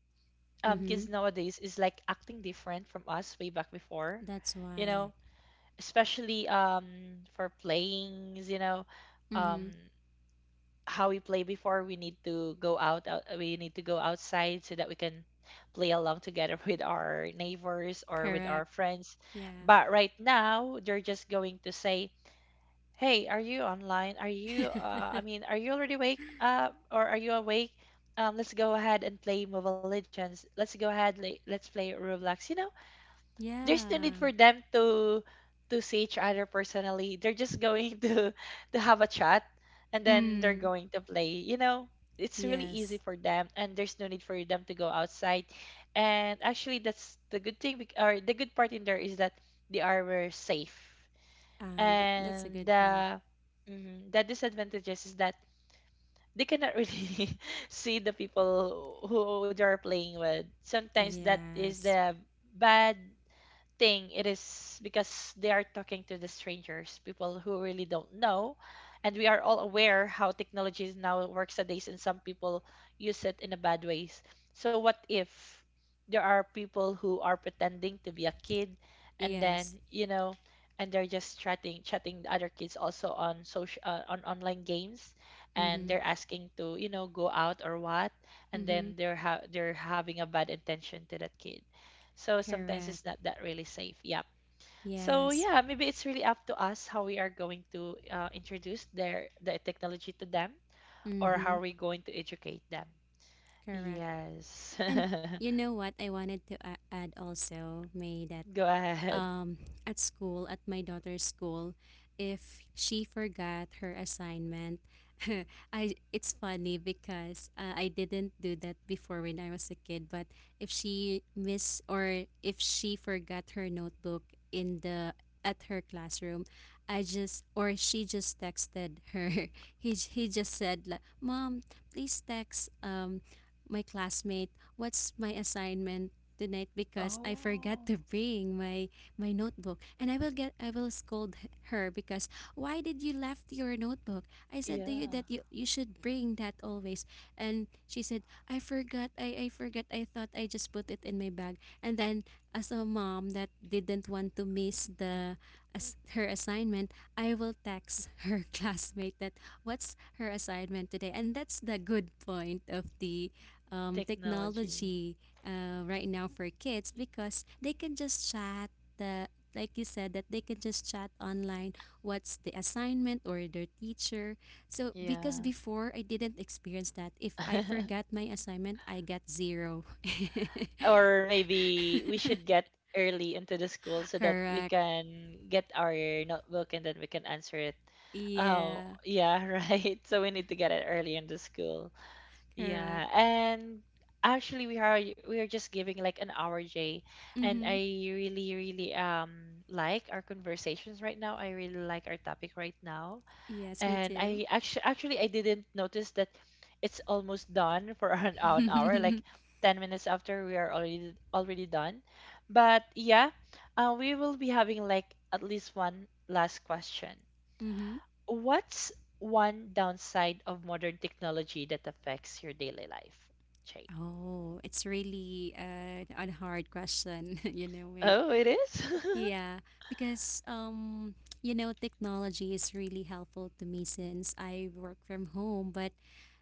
Mm-hmm. kids nowadays is like acting different from us way back before, That's you why. know, especially for playings, um Mm-hmm. how we play before. We need to go outside so that we can play along together with our neighbors or with our Correct. friends. Yeah. But right now they're just going to say, hey, are you online, are you I mean, are you already awake up, or are you awake? Let's go ahead and play Mobile Legends. Let's go ahead le- Let's play Roblox. Yeah. There's no need for them to see each other personally. They're just going to have a chat, and Mm. then they're going to play. It's really Yes. easy for them, and there's no need for them to go outside. And actually, that's the good thing, or the good part in there is that they are safe. And that's a And good point. The disadvantages is that they cannot really see the people who they are playing with. Sometimes that is Yes. the bad thing, it is because they are talking to the strangers people who really don't know, and we are all aware how technology is now works these days, and some people use it in a bad ways. So what if there are people who are pretending to be a kid, and Yes. then, and they're just chatting the other kids also on online games, and Mm-hmm. they're asking to, go out or what, and Mm-hmm. then they're they're having a bad intention to that kid. So sometimes Correct. it's not that really safe. Yep. So Yes. yeah, maybe it's really up to us how we are going to, introduce the technology to them, or how Mm-hmm. we're going to educate them. Correct. Yes. And you know what I wanted to add also, May, that Go ahead. um, at school, at my daughter's school, if she forgot her assignment. I it's funny because I didn't do that before when I was a kid. But if she miss or if she forgot her notebook in the at her classroom, I just or she just texted her. He just said, like, "Mom, please text my classmate what's my assignment tonight because I forgot Oh, to bring my notebook, and I will get I will scold her because why did you left your notebook? I said to you yeah. that you should bring that always." And she said, "I forgot, I forgot. I thought I just put it in my bag." And then, as a mom that didn't want to miss the as her assignment, I will text her classmate that what's her assignment today. And that's the good point of the Technology. technology right now for kids, because they can just chat that, like you said, that they can just chat online what's the assignment or their teacher. So because Yeah. before I didn't experience that. If I forgot my assignment, I got zero. or maybe we should get early into the school so that we Correct. can get our notebook and then we can answer it. Yeah. Oh, yeah, right. So we need to get it early in the school. Yeah, Correct. and actually, we are just giving like an hour, Jay, and Mm-hmm. I really really like our conversations right now. I really like our topic right now, Yes, me and I too. actually I didn't notice that it's almost done for an hour. Like, 10 minutes after we are already done, but yeah, we will be having like at least one last question. Mm-hmm. What's one downside of modern technology that affects your daily life, Jay? Oh, it's really a hard question. You know me. Oh, it is? Yeah, because you know, technology is really helpful to me since I work from home, but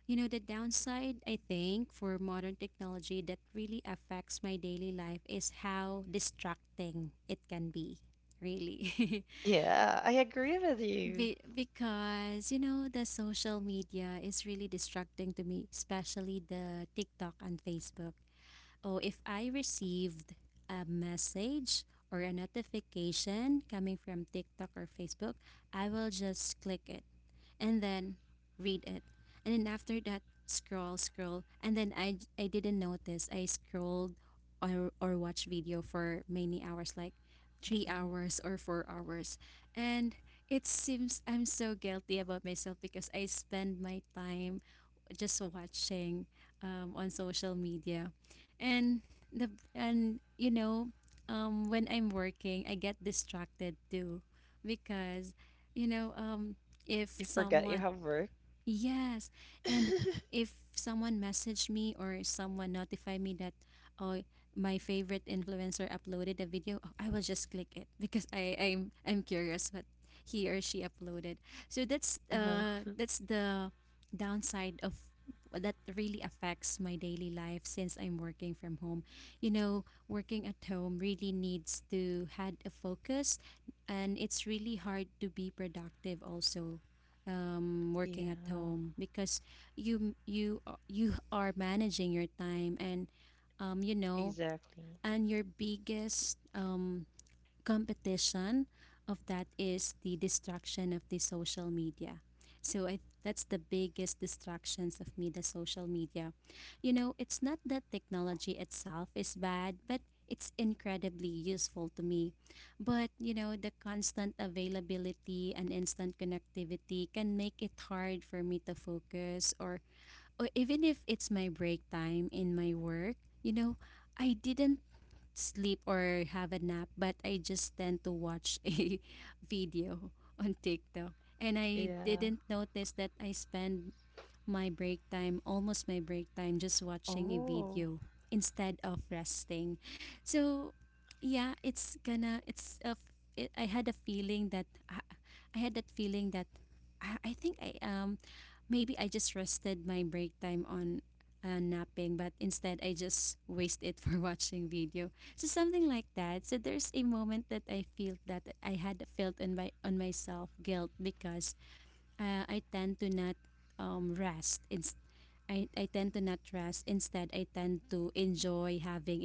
you know, the downside, I think, for modern technology that really affects my daily life is how distracting it can be, really. yeah, I agree with you. Because, you know, the social media is really distracting to me, especially the TikTok and Facebook. Oh, if I received a message or a notification coming from TikTok or Facebook, I will just click it and then read it. And then after that, scroll, scroll. And then I didn't notice. I scrolled or watched video for many hours, like three Mhm. hours or 4 hours. And it seems I'm so guilty about myself because I spend my time just watching on social media, and the and you know, when I'm working, I get distracted too because you know, You if forget you someone have work. Yes. And if someone messaged me or someone notified me that oh, my favorite influencer uploaded a video, oh, I will just click it because I'm curious what he or she uploaded. So uh-huh. That's the downside of that really affects my daily life since I'm working from home. You know, working at home really needs to had a focus, and it's really hard to be productive also, working at Yeah, home because you are managing your time and, you exactly. know, and your biggest competition of that is the distraction of the social media. So I that's the biggest distractions of me, the social media. You know, it's not that technology itself is bad, but it's incredibly useful to me. But, you know, the constant availability and instant connectivity can make it hard for me to focus, or even if it's my break time in my work, you know, I didn't sleep or have a nap, but I just tend to watch a video on TikTok. And I Yeah. didn't notice that I spend my break time, almost my break time, just watching a Oh. video instead of resting. So, yeah, it's gonna, it's a, f- it, I had a feeling that, I had that feeling that I think maybe I just rested my break time on napping, but instead I just waste it for watching video. So something like that. So there's a moment that I feel that I had felt in my on myself guilt because I tend to not rest. I tend to not rest. Instead, I tend to enjoy having a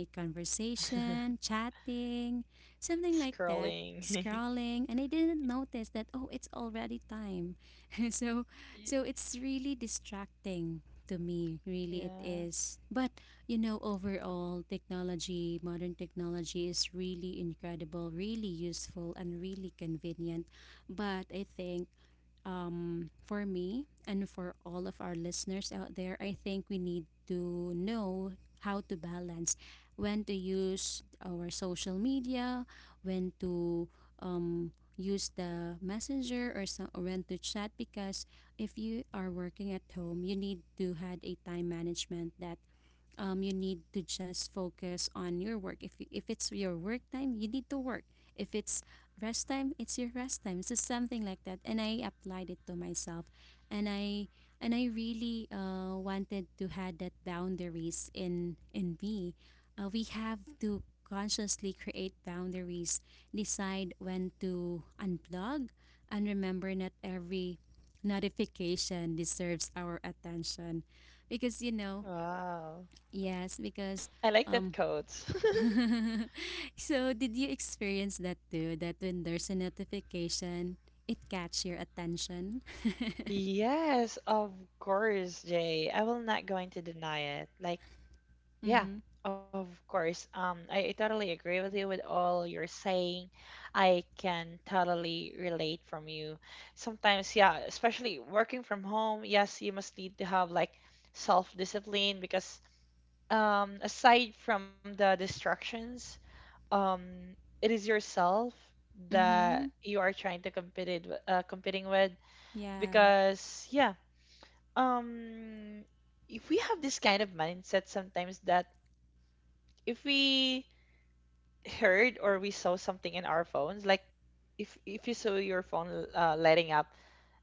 conversation, chatting, something like that, Scrolling. scrolling, and I didn't notice that oh, it's already time. So, so Y- it's really distracting to me. Really, it Yeah. is. But you know, overall, technology, modern technology, is really incredible, really useful, and really convenient. But I think, for me and for all of our listeners out there, I think we need to know how to balance when to use our social media, when to um, use the messenger or, so, or when to chat, because if you are working at home, you need to had a time management that, you need to just focus on your work. If it's your work time, you need to work. If it's rest time, it's your rest time. So something like that. And I applied it to myself, and I really wanted to have that boundaries in me. We have to consciously create boundaries, decide when to unplug, and remember not every notification deserves our attention, because you know Wow. Yes, because I like that um quote. so did you experience that too? That when there's a notification, it catch your attention? yes, of course, Jay. I will not going to deny it. Like, yeah, Mm-hmm. of course. I totally agree with you with all you're saying. I can totally relate from you. Sometimes, yeah, especially working from home, yes, you must need to have like self-discipline because aside from the distractions, um, it is yourself that Mm-hmm. you are trying to compete it, competing with Yeah. because um, if we have this kind of mindset sometimes that if we heard or we saw something in our phones like if you saw your phone lighting up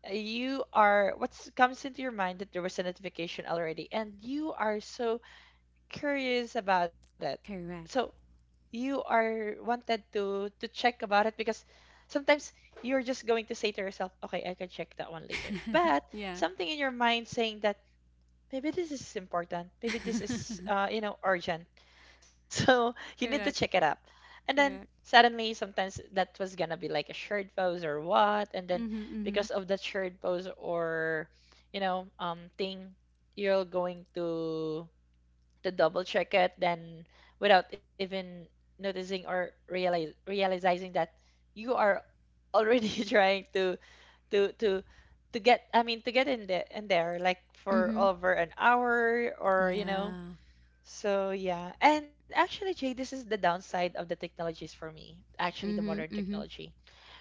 you are what's comes into your mind that there was a notification already and you are so curious about it so Correct. you are wanted to check about it because sometimes you're just going to say to yourself, okay, I can check that one later, but Yeah. something in your mind saying that maybe this is important. Maybe this is, urgent. So you need to check it Correct. up. And then Correct. suddenly, sometimes that was gonna be like a shared post or what. And then Mm-hmm. because Mm-hmm. of that shared post, or, thing, you're going to double check it. Then without even noticing or realize realizing that you are already trying to to to get, I mean to get in there in there, like for Mm-hmm. over an hour, or you Yeah. know. So yeah. And actually, Jay, this is the downside of the technologies for me. Actually the modern Mm-hmm. Mm-hmm. technology.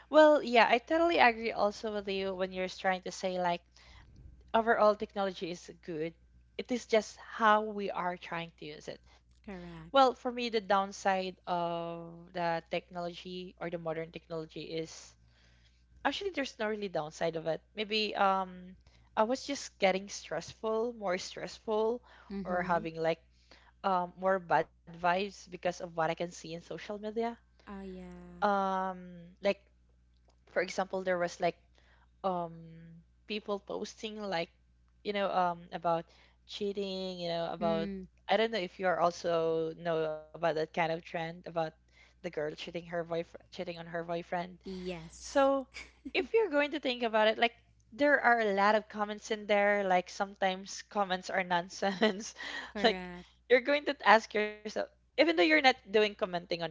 Well, yeah, I totally agree also with you when you're trying to say like overall technology is good. It is just how we are trying to use it. Well, for Correct. me, the downside of the technology or the modern technology is actually there's no really downside of it, maybe I was just getting stressful, more stressful, or Mm-hmm. having like more bad vibes because of what I can see in social media. Oh yeah. um like for example, there was like um people posting like, about cheating, you know, about, Mm. I don't know if you are also know about that kind of trend about the girl cheating her boyfriend, cheating on her boyfriend. Yes. So if you're going to think about it, like there are a lot of comments in there. Like sometimes comments are nonsense. Like Correct. you're going to ask yourself, even though you're not doing commenting on it,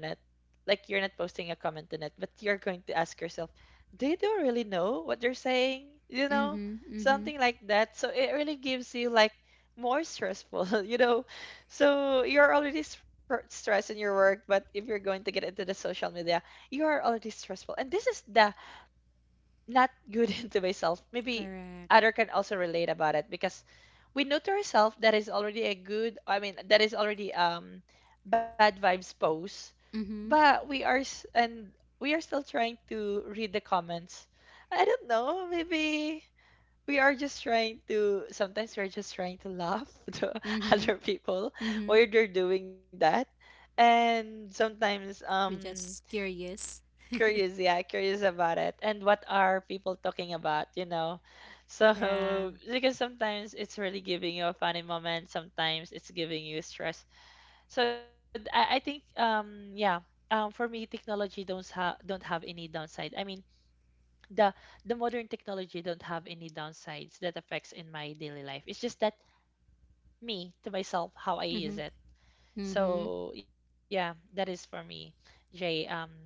like you're not posting a comment in it, but you're going to ask yourself, they don't really know what they're saying, you Mm. know, Mm-hmm. something like that. So it really gives you like more stressful, you know. So you're already stressed in your work, but if you're going to get into the social media, you are already stressful. And this is the not good to myself. Maybe Correct. other can also relate about it because we know to ourselves that is already a good, I mean, that is already bad vibes pose, Mm-hmm. but we are and we are still trying to read the comments. I don't know, maybe we are just trying to, sometimes we're just trying to laugh to other Mm-hmm. people Mm-hmm. while they're doing that. And sometimes Just curious. curious, yeah, curious about it, and what are people talking about, you know. Yeah. So because sometimes it's really giving you a funny moment, sometimes it's giving you stress. So I think yeah, for me technology don't have any downside, I mean, the the modern technology don't have any downsides that affects in my daily life. It's just that me to myself how I use it. Mm-hmm. So yeah, that is for me, Jay.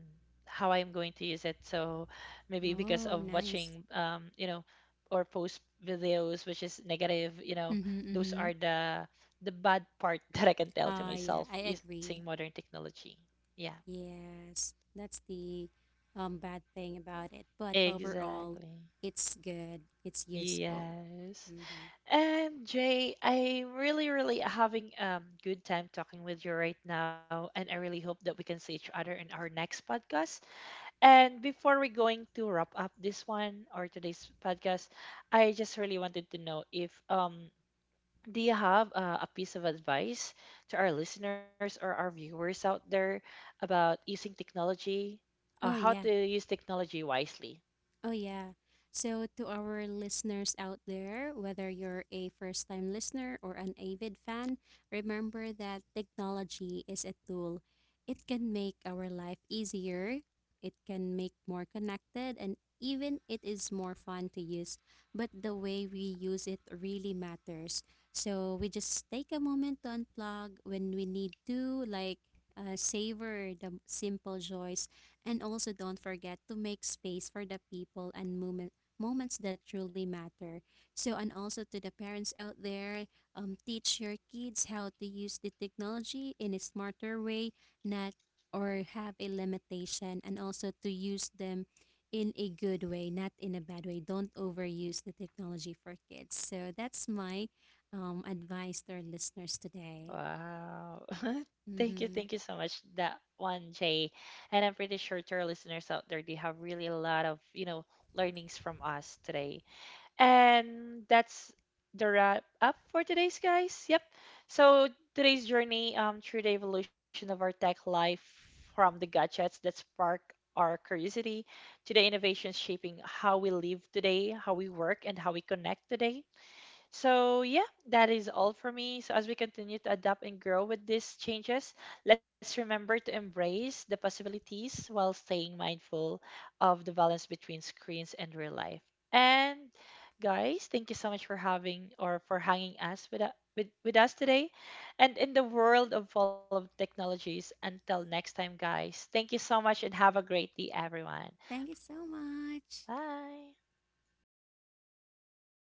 How I'm going to use it. So maybe because of Oh, watching, nice. Or post videos which is negative, you know, Mm-hmm, those mm-hmm. are the bad part that I can tell to Yeah, myself I using modern agree. technology. Yeah, Yes, that's the bad thing about it. But overall, exactly. it's good. It's useful. Yes. Mm-hmm. And Jay, I'm really, really having good time talking with you right now, and I really hope that we can see each other in our next podcast. And before we going to wrap up this one or today's podcast, I just really wanted to know if do you have a piece of advice to our listeners or our viewers out there about using technology, Oh how to yeah. use technology wisely? Oh, yeah. So, to our listeners out there, whether you're a first time listener or an avid fan, remember that technology is a tool. It can make our life easier, it can make more connected, and even it is more fun to use. But the way we use it really matters. So, we just take a moment to unplug when we need to, like savor the simple joys, and also don't forget to make space for the people and moments that truly matter. So and also to the parents out there, teach your kids how to use the technology in a smarter way, not or have a limitation and also to use them in a good way, not in a bad way. Don't overuse the technology for kids. So that's my advice to our listeners today. Wow. Thank you, thank you Hmm. so much that one, Jay. And I'm pretty sure to our listeners out there, they have really a lot of, you know, learnings from us today. And that's the wrap up for today's, guys. Yep. So today's journey through the evolution of our tech life, from the gadgets that spark our curiosity to the innovations shaping how we live today, how we work, and how we connect today. So, yeah, that is all for me. So, as we continue to adapt and grow with these changes, let's remember to embrace the possibilities while staying mindful of the balance between screens and real life. And, guys, thank you so much for having or for hanging us with, with us today. And in the world of full of technologies, until next time, guys, thank you so much and have a great day, everyone. Thank you so much. Bye.